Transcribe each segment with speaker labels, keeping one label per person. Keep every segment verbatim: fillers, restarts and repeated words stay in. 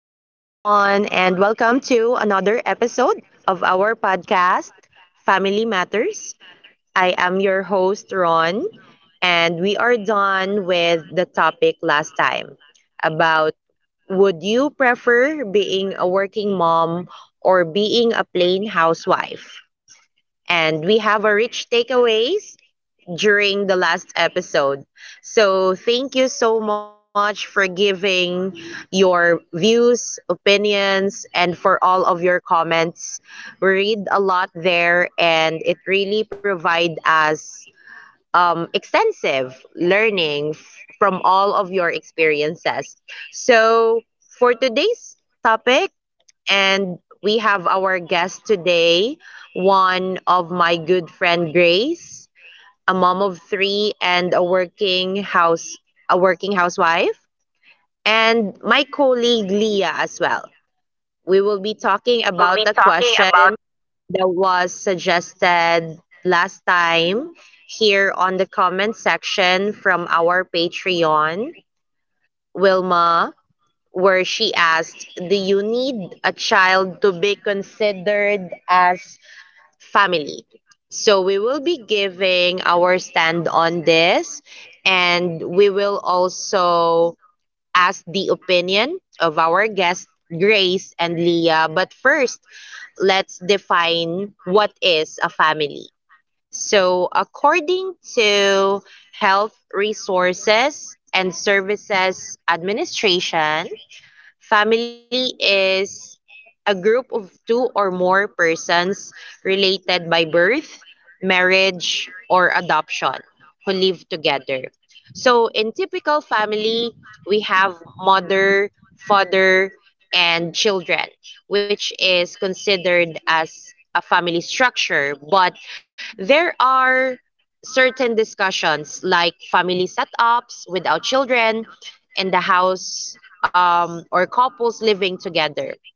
Speaker 1: and welcome to another episode of our podcast, Family Matters. I am your host, Ron, and we are done with the topic last time about would you prefer being a working mom or being a plain housewife? And we have a rich takeaways during the last episode. So, thank you so much for giving your views, opinions, and for all of your comments. We read a lot there, and it really provide us um, extensive learning f- from all of your experiences. So, for today's topic, and we have our guest today, one of my good friend Grace, a mom of three, and a working house a working housewife, and my colleague Leah as well. We will be talking
Speaker 2: We will
Speaker 1: about
Speaker 2: be
Speaker 1: a
Speaker 2: talking about.
Speaker 1: question that was suggested last time here on the comment section from our Patreon, Wilma, where she asked, do you need a child to be considered as family? So we will be giving our stand on this, and we will also ask the opinion of our guests Grace and Leah. But first, let's define what is a family. So according to Health Resources and Services Administration, family is a group of two or more persons related by birth, marriage, or adoption who live together. So, in typical family, we have mother, father, and children, which is considered as a family structure. But there are certain discussions like family setups without children and the house, um, or couples living together.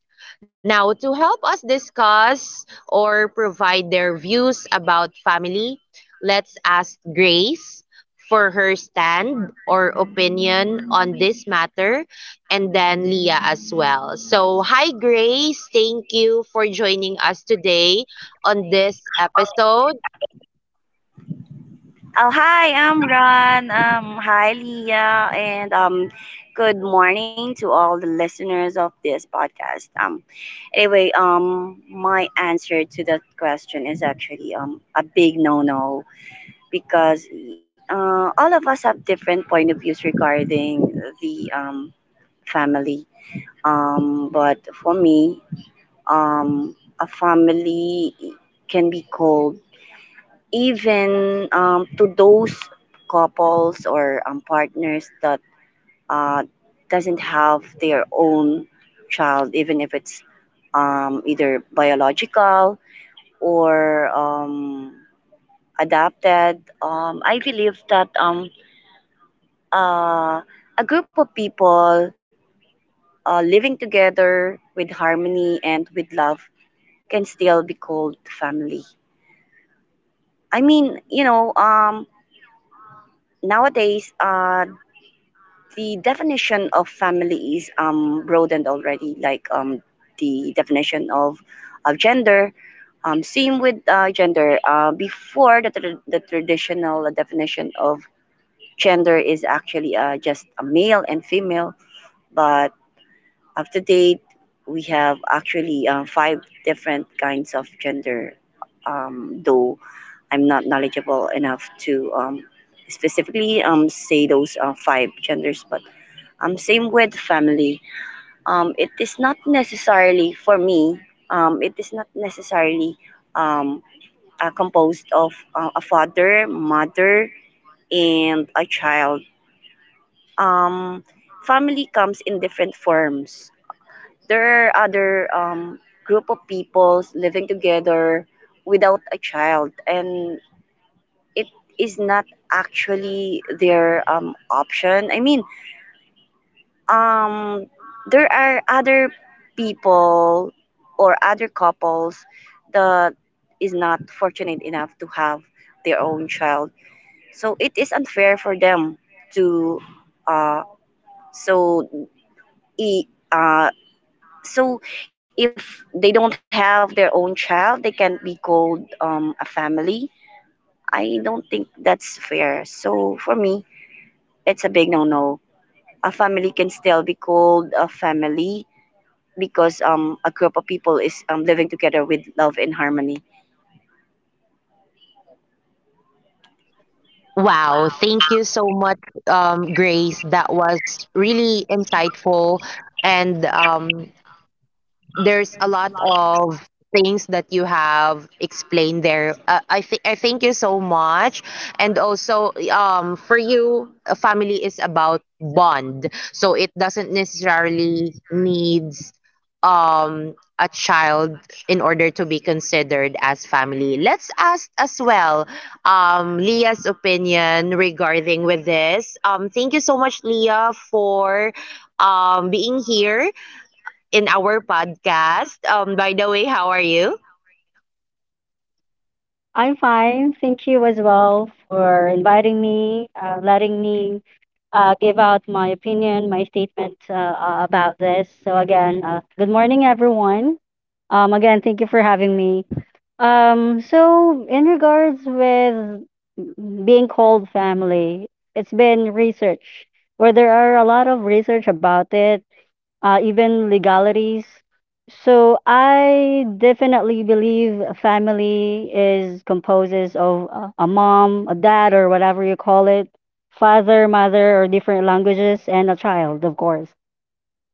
Speaker 1: Now, to help us discuss or provide their views about family, let's ask Grace for her stand or opinion on this matter, and then Leah as well. So, hi Grace, thank you for joining us
Speaker 3: Joining
Speaker 1: today
Speaker 3: us
Speaker 1: on
Speaker 3: today
Speaker 1: this
Speaker 3: on this
Speaker 1: episode.
Speaker 3: episode. Oh, hi, I'm Ron. Um, hi, Leah, and um, good morning to all the listeners of this podcast. Um, anyway, um, my answer to that question is actually um a big no-no because uh, all of us have different point of views regarding the um family. Um, but for me, um, a family can be called even um, to those couples or um, partners that uh, doesn't have their own child, even if it's um, either biological or um, adopted. Um, I believe that um, uh, a group of people uh, living together with harmony and with love can still be called family. I mean, you know, um, nowadays uh, the definition of family is um, broadened already, like um, the definition of, of gender. Um, same with uh, gender. Uh, before, the, tra- the traditional definition of gender is actually uh, just a male and female, but up to date, we have actually uh, five different kinds of gender, um, though I'm not knowledgeable enough to um, specifically um, say those uh, five genders, but um, same with family. Um, it is not necessarily for me. Um, it is not necessarily um, uh, composed of uh, a father, mother, and a child. Um, Family comes in different forms. There are other um, group of peoples living together without a child, and it is not actually their um option. I mean, um there are other people or other couples that is not fortunate enough to have their own child. So it is unfair for them to uh so I- uh so if they don't have their own child, they can't be called um a family. I don't think that's fair. So for me, it's a big no-no. A family can still be called a family because um, a group of people is um, living together with love and harmony.
Speaker 1: Wow, thank you
Speaker 3: Wow,
Speaker 1: so much,
Speaker 3: thank you
Speaker 1: um,
Speaker 3: so
Speaker 1: Grace.
Speaker 3: much,
Speaker 1: That
Speaker 3: um,
Speaker 1: was
Speaker 3: Grace. That
Speaker 1: really
Speaker 3: was
Speaker 1: insightful,
Speaker 3: really
Speaker 1: and
Speaker 3: insightful
Speaker 1: um, there's a
Speaker 3: and
Speaker 1: lot
Speaker 3: um,
Speaker 1: of things that you have explained there. Uh, I think I thank you so much, and also um for you, a family is about bond, so it doesn't necessarily needs um a child in order to be considered as family. Let's ask as well um Leah's opinion regarding with this. Um thank you so much Leah for um being here in our podcast. Um, by the way, how are you?
Speaker 2: I'm fine. Thank you as well for inviting me, uh, letting me uh, give out my opinion, my statement uh, uh, about this. So, again, uh, good morning, everyone. Um, again, thank you for having me. Um, so, in regards with being called family, it's been research where there are a lot of research about it, uh, even legalities. So I definitely believe a family is composes of a a mom, a dad, or whatever you call it, father, mother, or different languages, and a child, of course.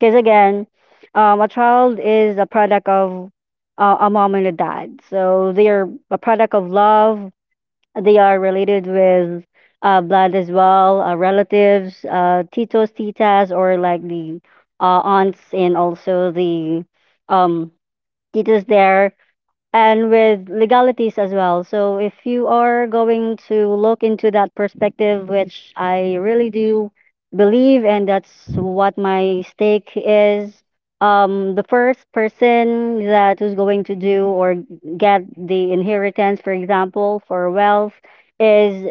Speaker 2: Because again, um, a child is a product of uh, a mom and a dad. So they are a product of love, they are related with uh, blood as well, uh, relatives, uh, titos, titas, or like the uh, aunts and also the um, titas there, and with legalities as well. So if you are going to look into that perspective, which I really do believe, and that's what my stake is, um, the first person that is going to do or get the inheritance, for example, for wealth, is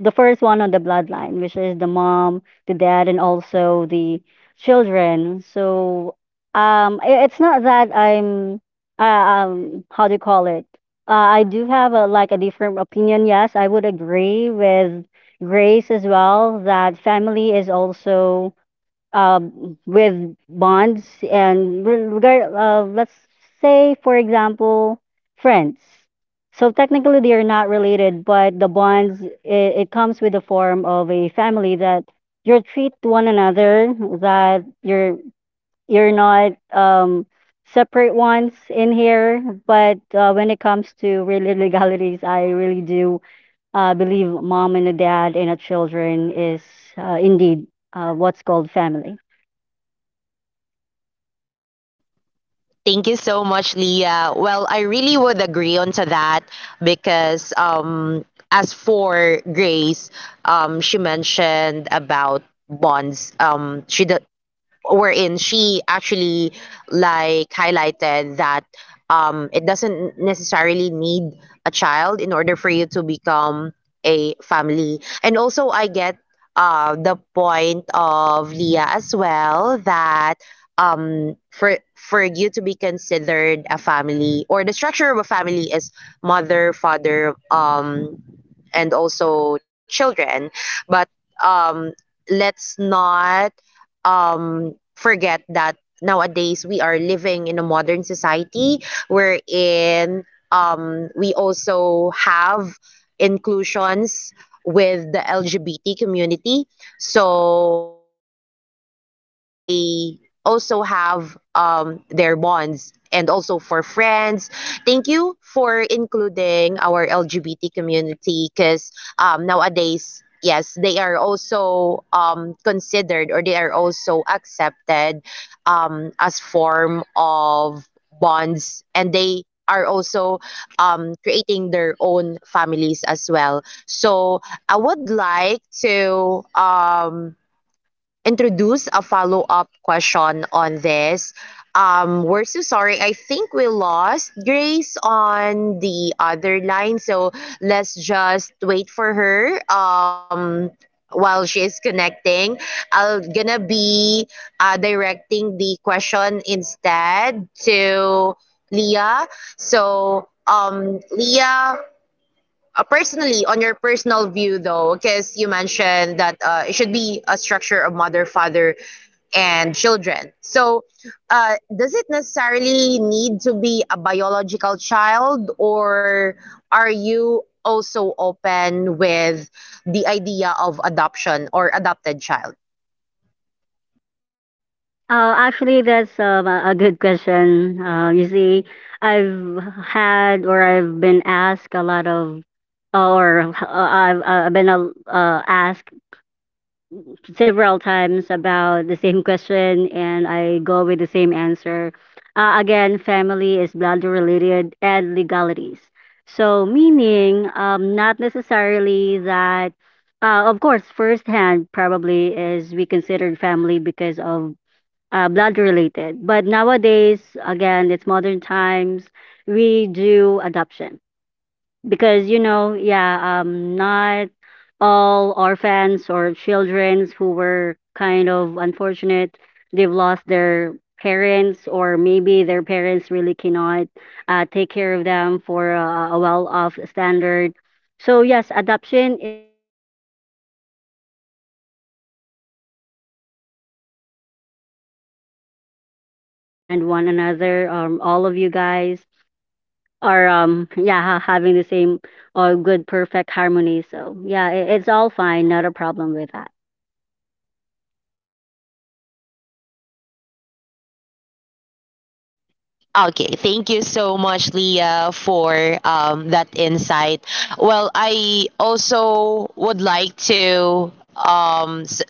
Speaker 2: the first one on the bloodline, which is the mom, the dad, and also the children. So um, i- it's not that I'm uh, um, how do you call it? Uh, I do have a, like a different opinion. Yes, I would agree with Grace as well that family is also um, with bonds and re- regard. Uh, let's say, for example, friends. So technically, they are not related, but the bonds it, it comes with the form of a family, that you treat one another, that you're you're not um separate ones in here, but uh, when it comes to really legalities, I really do uh, believe mom and a dad and a children is uh, indeed uh, what's called family.
Speaker 1: Thank you so much, Leah. Well, I really would agree on to that because, um, as for Grace, um, she mentioned about bonds. Um, she do- wherein she actually like highlighted that um, it doesn't necessarily need a child in order for you to become a family. And also, I get uh, the point of Leah as well that, um, for for you to be considered a family, or the structure of a family is mother, father, um, and also children. But um, let's not um, forget that nowadays we are living in a modern society, wherein um, we also have inclusions with the L G B T community. So um, they also have um, their bonds and also for friends. Thank you for including our L G B T community, because um, nowadays, yes, they are also um, considered, or they are also accepted um, as form of bonds, and they are also um, creating their own families as well. So I would like to um, introduce a follow-up question on this. Um, we're so sorry. I think we lost Grace on the other line, so let's just wait for her. Um, while she is connecting, I'll gonna be uh, directing the question instead to Leah. So, um, Leah, uh, personally, on your personal view though, because you mentioned that uh, it should be a structure of mother, father, and children. So, uh, does it necessarily need to be a biological child, or are you also open with the idea of adoption or adopted child?
Speaker 2: Uh, actually, that's um, a a good question. Uh, you see, I've had, or I've been asked a lot of uh, or uh, I've, I been uh, uh, asked several times about the same question, and I go with the same answer. Uh, again, family is blood related and legalities. So, meaning, um, not necessarily that, uh, of course, firsthand probably is we considered family because of uh, blood related. But nowadays, again, it's modern times, we do adoption because you know, yeah, um not all orphans or children who were kind of unfortunate, they've lost their parents, or maybe their parents really cannot uh, take care of them for uh, a well off standard. So yes, adoption is really is an another option for being a family, as long as the bond is there, you do understand one another, um, all of you guys, or um yeah, ha- having the same or good perfect harmony. So yeah, it, it's all fine, not a problem with that.
Speaker 1: Okay, thank you so much, Leah, for um, that insight. Well, I also would like to um, s-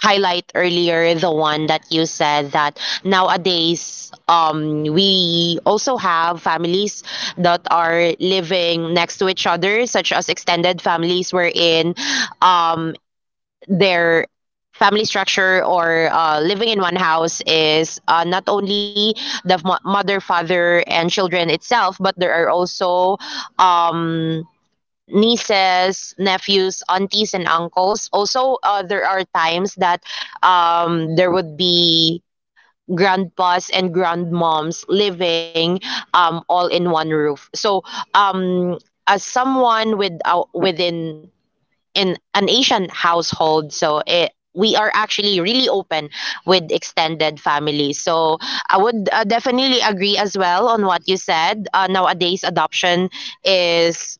Speaker 1: highlight earlier the one that you said that nowadays um we also have families that are living next to each other, such as extended families, wherein um their family structure or uh, living in one house is uh, not only the mo- mother, father, and children itself, but there are also um nieces, nephews, aunties, and uncles. Also, uh, there are times that um, there would be grandpas and grandmoms living, um, all in one roof. So, um, as someone with uh, within in an Asian household, so it, we are actually really open with extended family. So I would, uh, definitely agree as well on what you said. Uh, nowadays, adoption is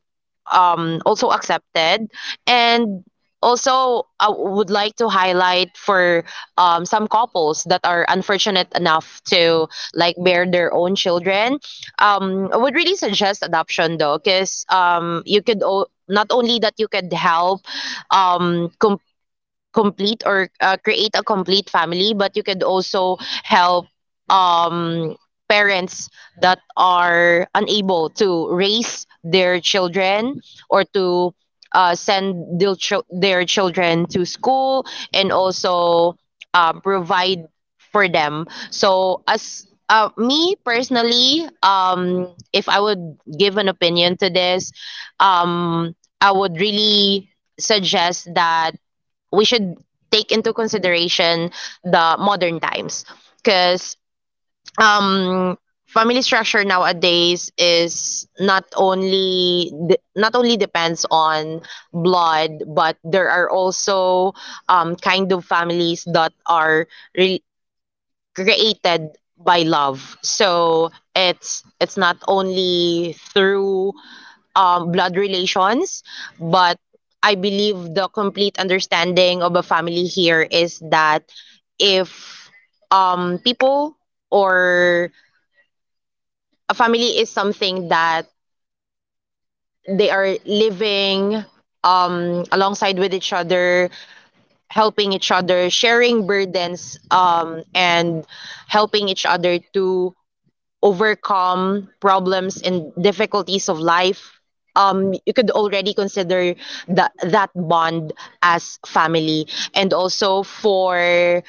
Speaker 1: um, also accepted. And also, I would like to highlight for um, some couples that are unfortunate enough to like bear their own children. Um, I would really suggest adoption though, because um, you could o- not only that you could help um, com- complete or uh, create a complete family, but you could also help um parents that are unable to raise their children, or to uh, send their, chil- their children to school, and also uh, provide for them. So as uh, me personally, um if I would give an opinion to this, um I would really suggest that we should take into consideration the modern times, because um family structure nowadays is not only de- not only depends on blood, but there are also um kind of families that are re- created by love. So it's it's not only through um, blood relations, but I believe the complete understanding of a family here is that if, um, people, or a family is something that they are living, um, alongside with each other, helping each other, sharing burdens, um, and helping each other to overcome problems and difficulties of life, um, you could already consider the, that bond as family. And also, for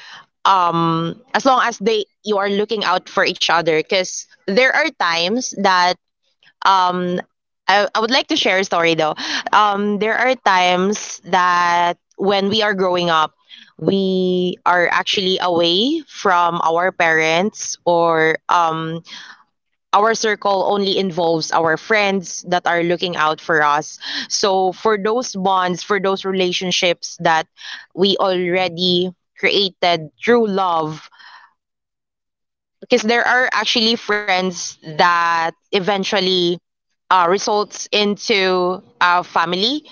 Speaker 1: as long as they you are looking out for each other, because there are times that I, I would like to share a story though. Um, there are times that when we are growing up, we are actually away from our parents, or um, our circle only involves our friends that are looking out for us. So for those bonds, for those relationships that we already created through love, because there are actually friends that eventually uh, results into a family,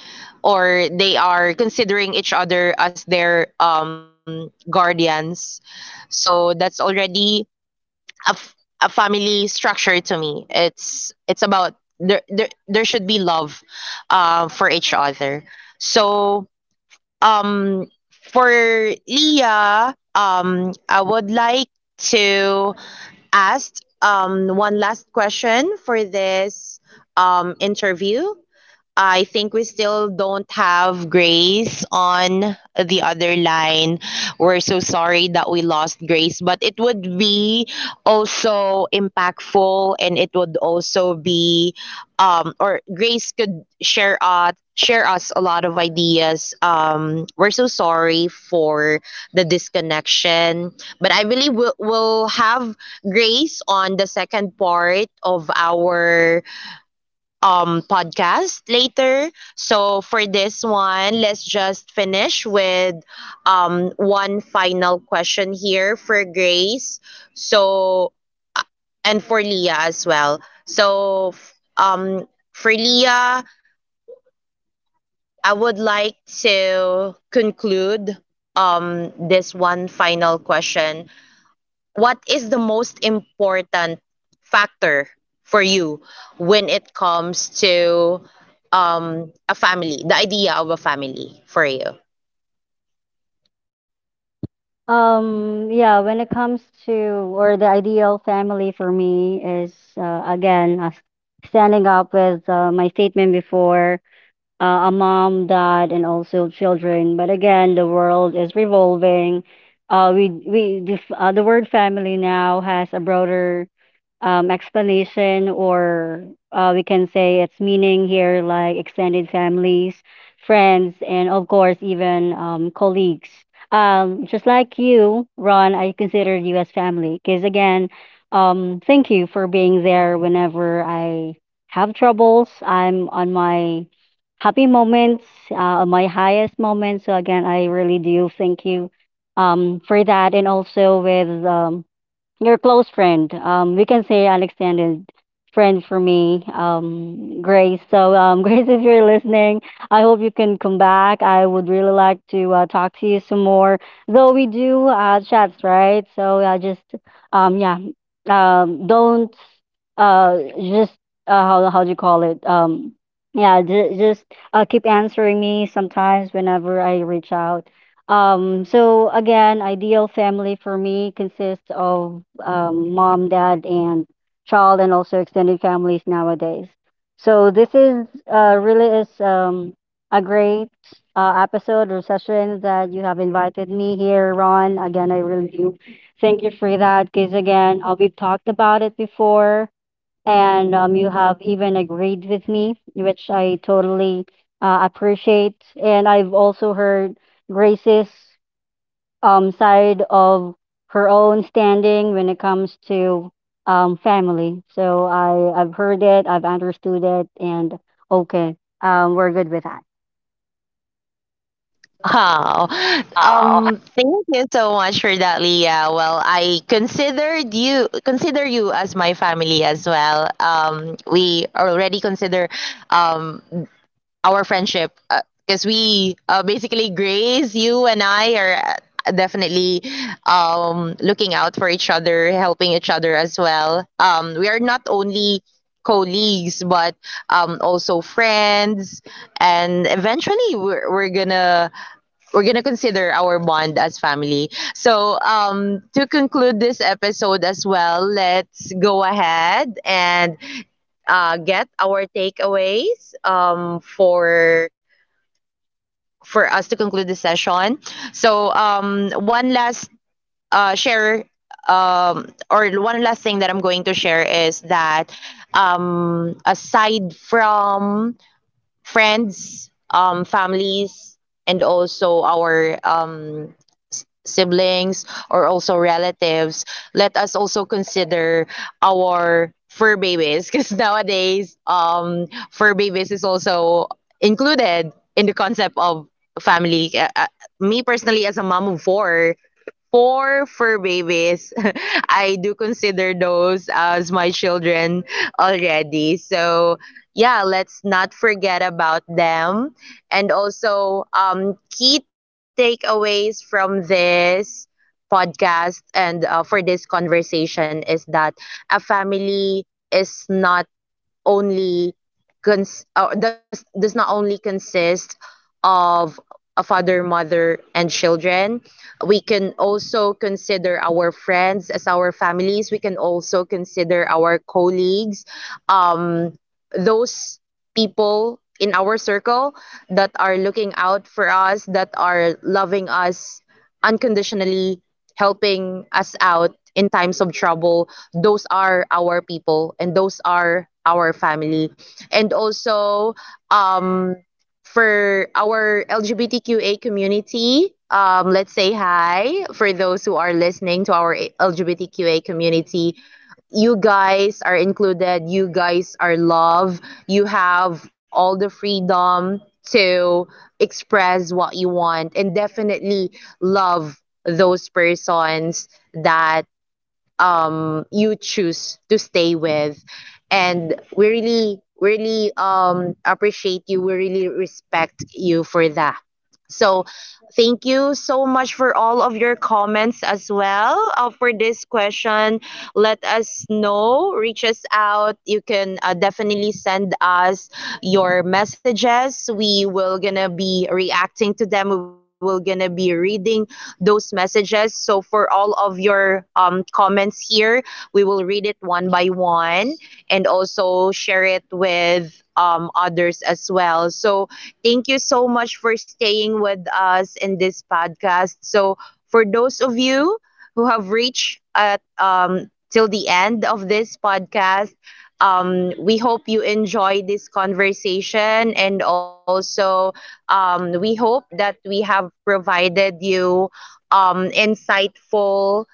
Speaker 1: or they are considering each other as their um, guardians. So that's already a, f- a family structure to me. It's it's about there there there should be love uh, for each other. So um for Leah, um I would like to ask um one last question for this um interview. I think we still don't have Grace on the other line. We're so sorry that we lost Grace, but it would be also impactful, and it would also be, um or Grace could share uh, share us a lot of ideas. Um we're so sorry for the disconnection, but I believe we'll, we'll have Grace on the second part of our um podcast later. So for this one, let's just finish with um one final question here for Grace. So, and for Leah as well. So, f- um for Leah, I would like to conclude um this one final question. What is the most important factor for you when it comes to, um, a family, the idea of a family for you?
Speaker 2: um Yeah, when it comes to, or the ideal family for me is uh, again uh, standing up with uh, my statement before, uh, a mom, dad, and also children. But again, the world is revolving. Uh we we def- uh, the word family now has a broader um, explanation, or uh, we can say its meaning here, like extended families, friends, and of course, even um, colleagues. Um, just like you, Ron, I consider you as family because, again, um, thank you for being there whenever I have troubles, I'm on my happy moments, uh, on my highest moments. So, again, I really do thank you um, for that. And also with um, your close friend. Um, we can say an extended friend for me, um, Grace. So, um, Grace, if you're listening, I hope you can come back. I would really like to uh, talk to you some more. Though we do uh, chats, right? So I just, um, yeah, um, don't uh, just uh, how how do you call it? Um, yeah, ju- just uh, keep answering me sometimes whenever I reach out. Um, so again, ideal family for me consists of um, mom, dad, and child, and also extended families nowadays. So this is uh, really is um, a great uh, episode or session that you have invited me here, Ron. Again, I really do thank you for that, because again, uh, we've talked about it before, and um, you have even agreed with me, which I totally uh, appreciate. And I've also heard Grace's um, side of her own standing when it comes to um, family. So I, I've heard it, I've understood it, and okay, um, we're good with
Speaker 1: Wow.
Speaker 2: that.
Speaker 1: Um, thank you so much for that, Leah. Well, I considered you consider you as my family as well. Um, we already consider um our friendship, because we, uh, basically Grace, you, and I are uh, definitely um, looking out for each other, helping each other as well. Um, we are not only colleagues, but um, also friends, and eventually we're we're gonna we're gonna consider our bond as family. So um, to conclude this episode as well, let's go ahead and uh, get our takeaways, um, for for us to conclude the session. So, um, one last uh, share um, or one last thing that I'm going to share is that, um, aside from friends, um, families, and also our um, siblings, or also relatives, let us also consider our fur babies, because nowadays, um, fur babies is also included in the concept of family. Uh, uh, me personally, as a mom of four, four, fur babies. I do consider those as my children already. So, yeah, let's not forget about them. And also, um, key takeaways from this podcast, and uh, for this conversation, is that a family is not only cons- uh, does does not only consist of a father, mother, and children. We can also consider our friends as our families. We can also consider our colleagues, those people in our circle that are looking out for us, that are loving us unconditionally, helping us out in times of trouble. Those are our people, and those are our family. And also, um, for our L G B T Q A community, um, let's say hi for those who are listening to our L G B T Q A community. You guys are included. You guys are loved. You have all the freedom to express what you want and definitely love those persons that um, you choose to stay with. And we really, really um, appreciate you. We really respect you for that. So, Thank you so much for all of your comments as well. Uh, for this question, let us know. Reach us out. You can uh, definitely send us your messages. We will gonna be reacting to them. We will gonna be reading those messages. So for all of your um, comments here, we will read it one by one and also share it with um, others as well. So, thank you so much for staying with us in this podcast. So, for those of you who have reached at um, till the end of this podcast, um, we hope you enjoy this conversation, and also um, we hope that we have provided you um, insightful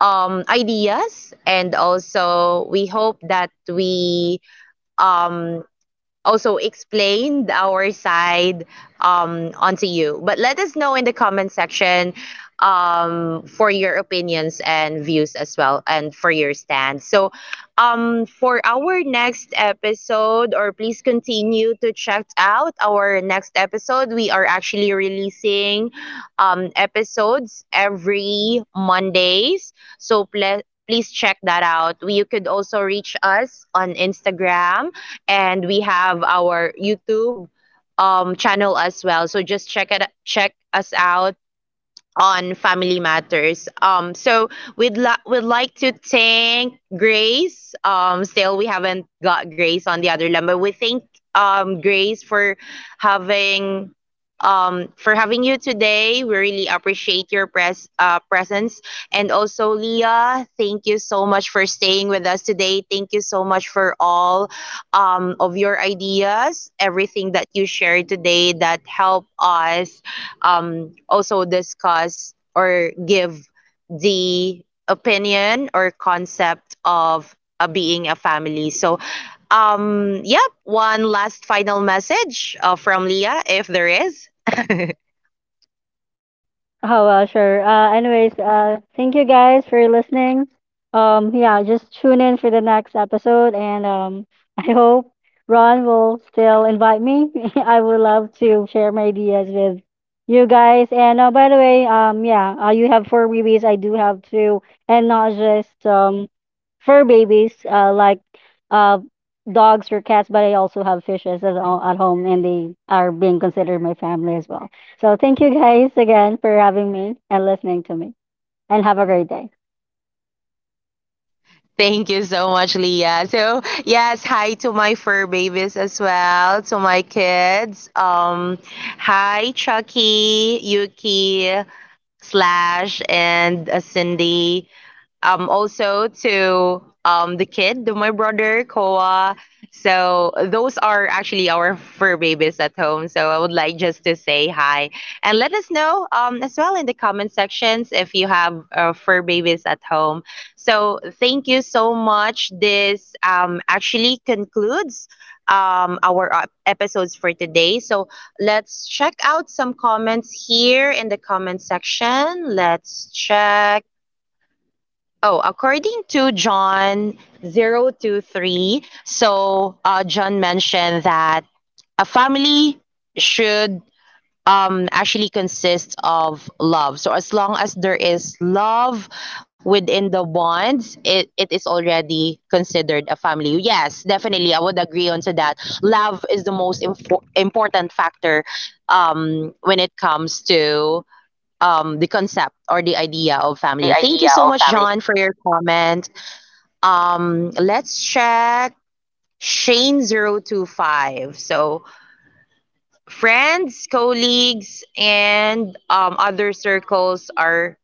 Speaker 1: um, ideas, and also we hope that we um, also explained our side um, onto you. But let us know in the comment section um, for your opinions and views as well, and for your stance. So, um, for our next episode, or please continue to check out our next episode. We are actually releasing um, episodes every Mondays. So, ple- please check that out. We, you could also reach us on Instagram, and we have our YouTube um, channel as well. So just check it, check us out on Family Matters. Um, so we'd li- we'd like to thank Grace. Um, still we haven't got Grace on the other line, but we thank um Grace for having um, for having you today. We really appreciate your pres- uh, presence. And also, Leah, thank you so much for staying with us today. Thank you so much for all um, of your ideas, everything that you shared today that help us um, also discuss or give the opinion or concept of uh, being a family. So, um, yep, one last final message uh, from Leah, if there is.
Speaker 2: Oh, well, sure. Uh, anyways, uh, thank you guys for listening. Um, yeah, just tune in for the next episode, and um, I hope Ron will still invite me. I would love to share my ideas with you guys. And uh, by the way, um, yeah, uh, you have four babies. I do have two, and not just um fur babies, uh, like uh dogs or cats, but I also have fishes at, at home, and they are being considered my family as well. So thank you guys again for having me and listening to me. And have a great day.
Speaker 1: Thank you so much, Leah. So, yes, hi to my fur babies as well, to my kids. Um, hi, Chucky, Yuki, Slash, and uh, Cindy. um, also to um, the kid, to my brother, Koa. So those are actually our fur babies at home. So I would like just to say hi and let us know um, as well in the comment sections if you have uh, fur babies at home. So thank you so much. This um, actually concludes um, our uh, episodes for today. So let's check out some comments here in the comment section. Let's check. Oh, according to John zero two three, so uh, John mentioned that a family should um, actually consist of love. So as long as there is love within the bonds, it, it is already considered a family. Yes, definitely. I would agree on to that. Love is the most impo- important factor um, when it comes to um, the concept or the idea of
Speaker 2: Or the
Speaker 1: family. Thank you
Speaker 2: idea
Speaker 1: so
Speaker 2: of
Speaker 1: much,
Speaker 2: family.
Speaker 1: John, for your comment. Um, let's check shane zero two five. So, friends, colleagues, and um, other circles are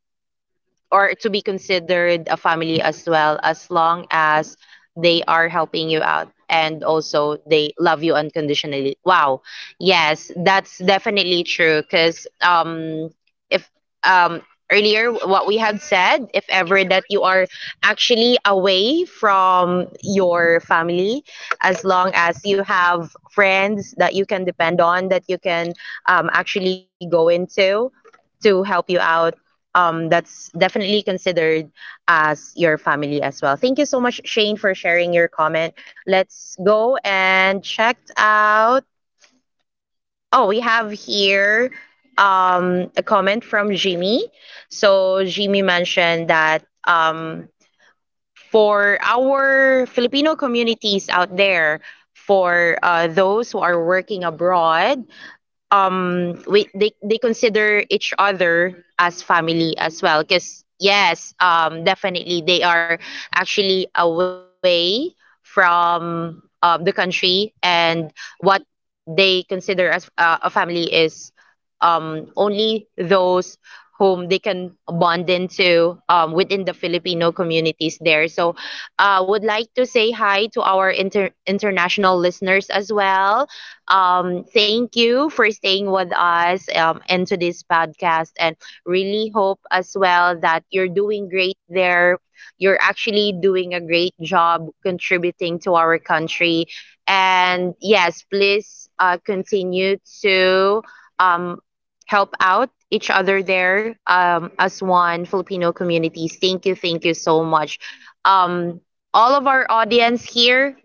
Speaker 1: or to be considered a family as well as long as they are helping you out and also they love you unconditionally. Wow, yes, that's definitely true because um if um earlier what we have said, if ever that you are actually away from your family, as long as you have friends that you can depend on, that you can um, actually go into to help you out, um, that's definitely considered as your family as well. Thank you so much, Shane, for sharing your comment. Let's go and check out. Oh, we have here um, a comment from Jimmy. So, Jimmy mentioned that um, for our Filipino communities out there, for uh, those who are working abroad, um we they they consider each other as family as well because yes, um definitely they are actually away from um, the country and what they consider as uh, a family is um, only those whom they can bond into um, within the Filipino communities there. So I uh, would like to say hi to our inter- international listeners as well. Um, thank you for staying with us um, into this podcast and really hope as well that you're doing great there. You're actually doing a great job contributing to our country. And yes, please uh, continue to um, help out each other there um, as one Filipino communities. Thank you, thank you so much. Um, all of our audience here,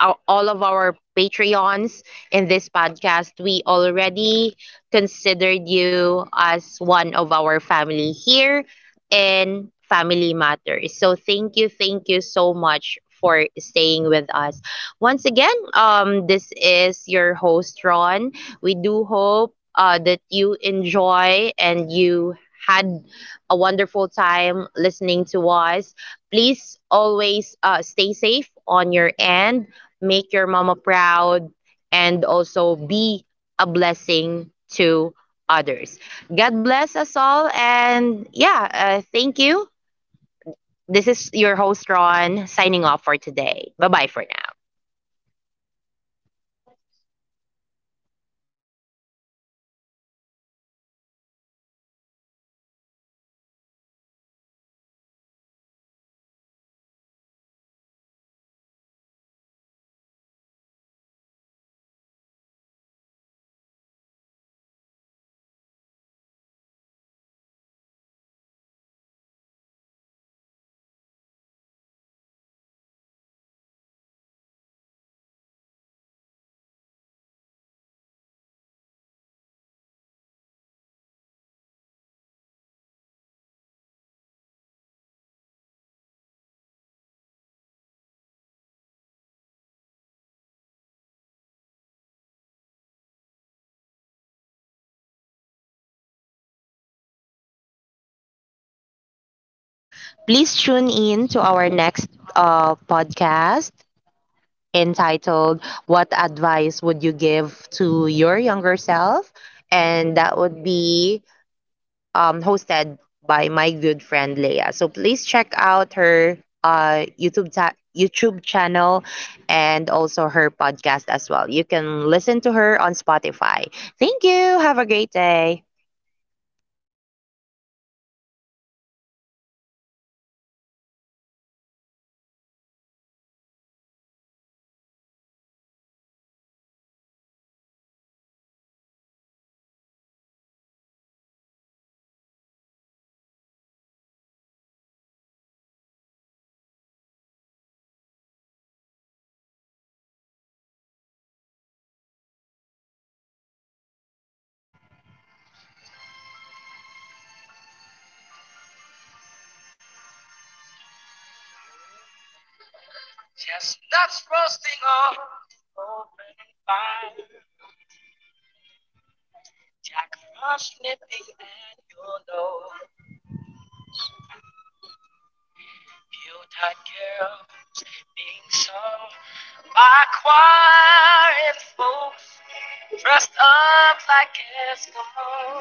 Speaker 1: our- all of our Patreons in this podcast, we already considered you as one of our family here in Family Matters. So thank you, thank you so much for staying with us. Once again, um, this is your host Ron. We do hope uh, that you enjoy and you had a wonderful time listening to us. Please always uh, stay safe on your end, make your mama proud, and also be a blessing to others. God bless us all. And yeah, uh, thank you. This is your host, Ron, signing off for today. Bye bye for now. Please tune in to our next uh, podcast, entitled What Advice Would You Give to Your Younger Self? And that would be um, hosted by my good friend Leia. So please check out her uh, YouTube, ta- YouTube channel and also her podcast as well. You can listen to her on Spotify. Thank you. Have a great day.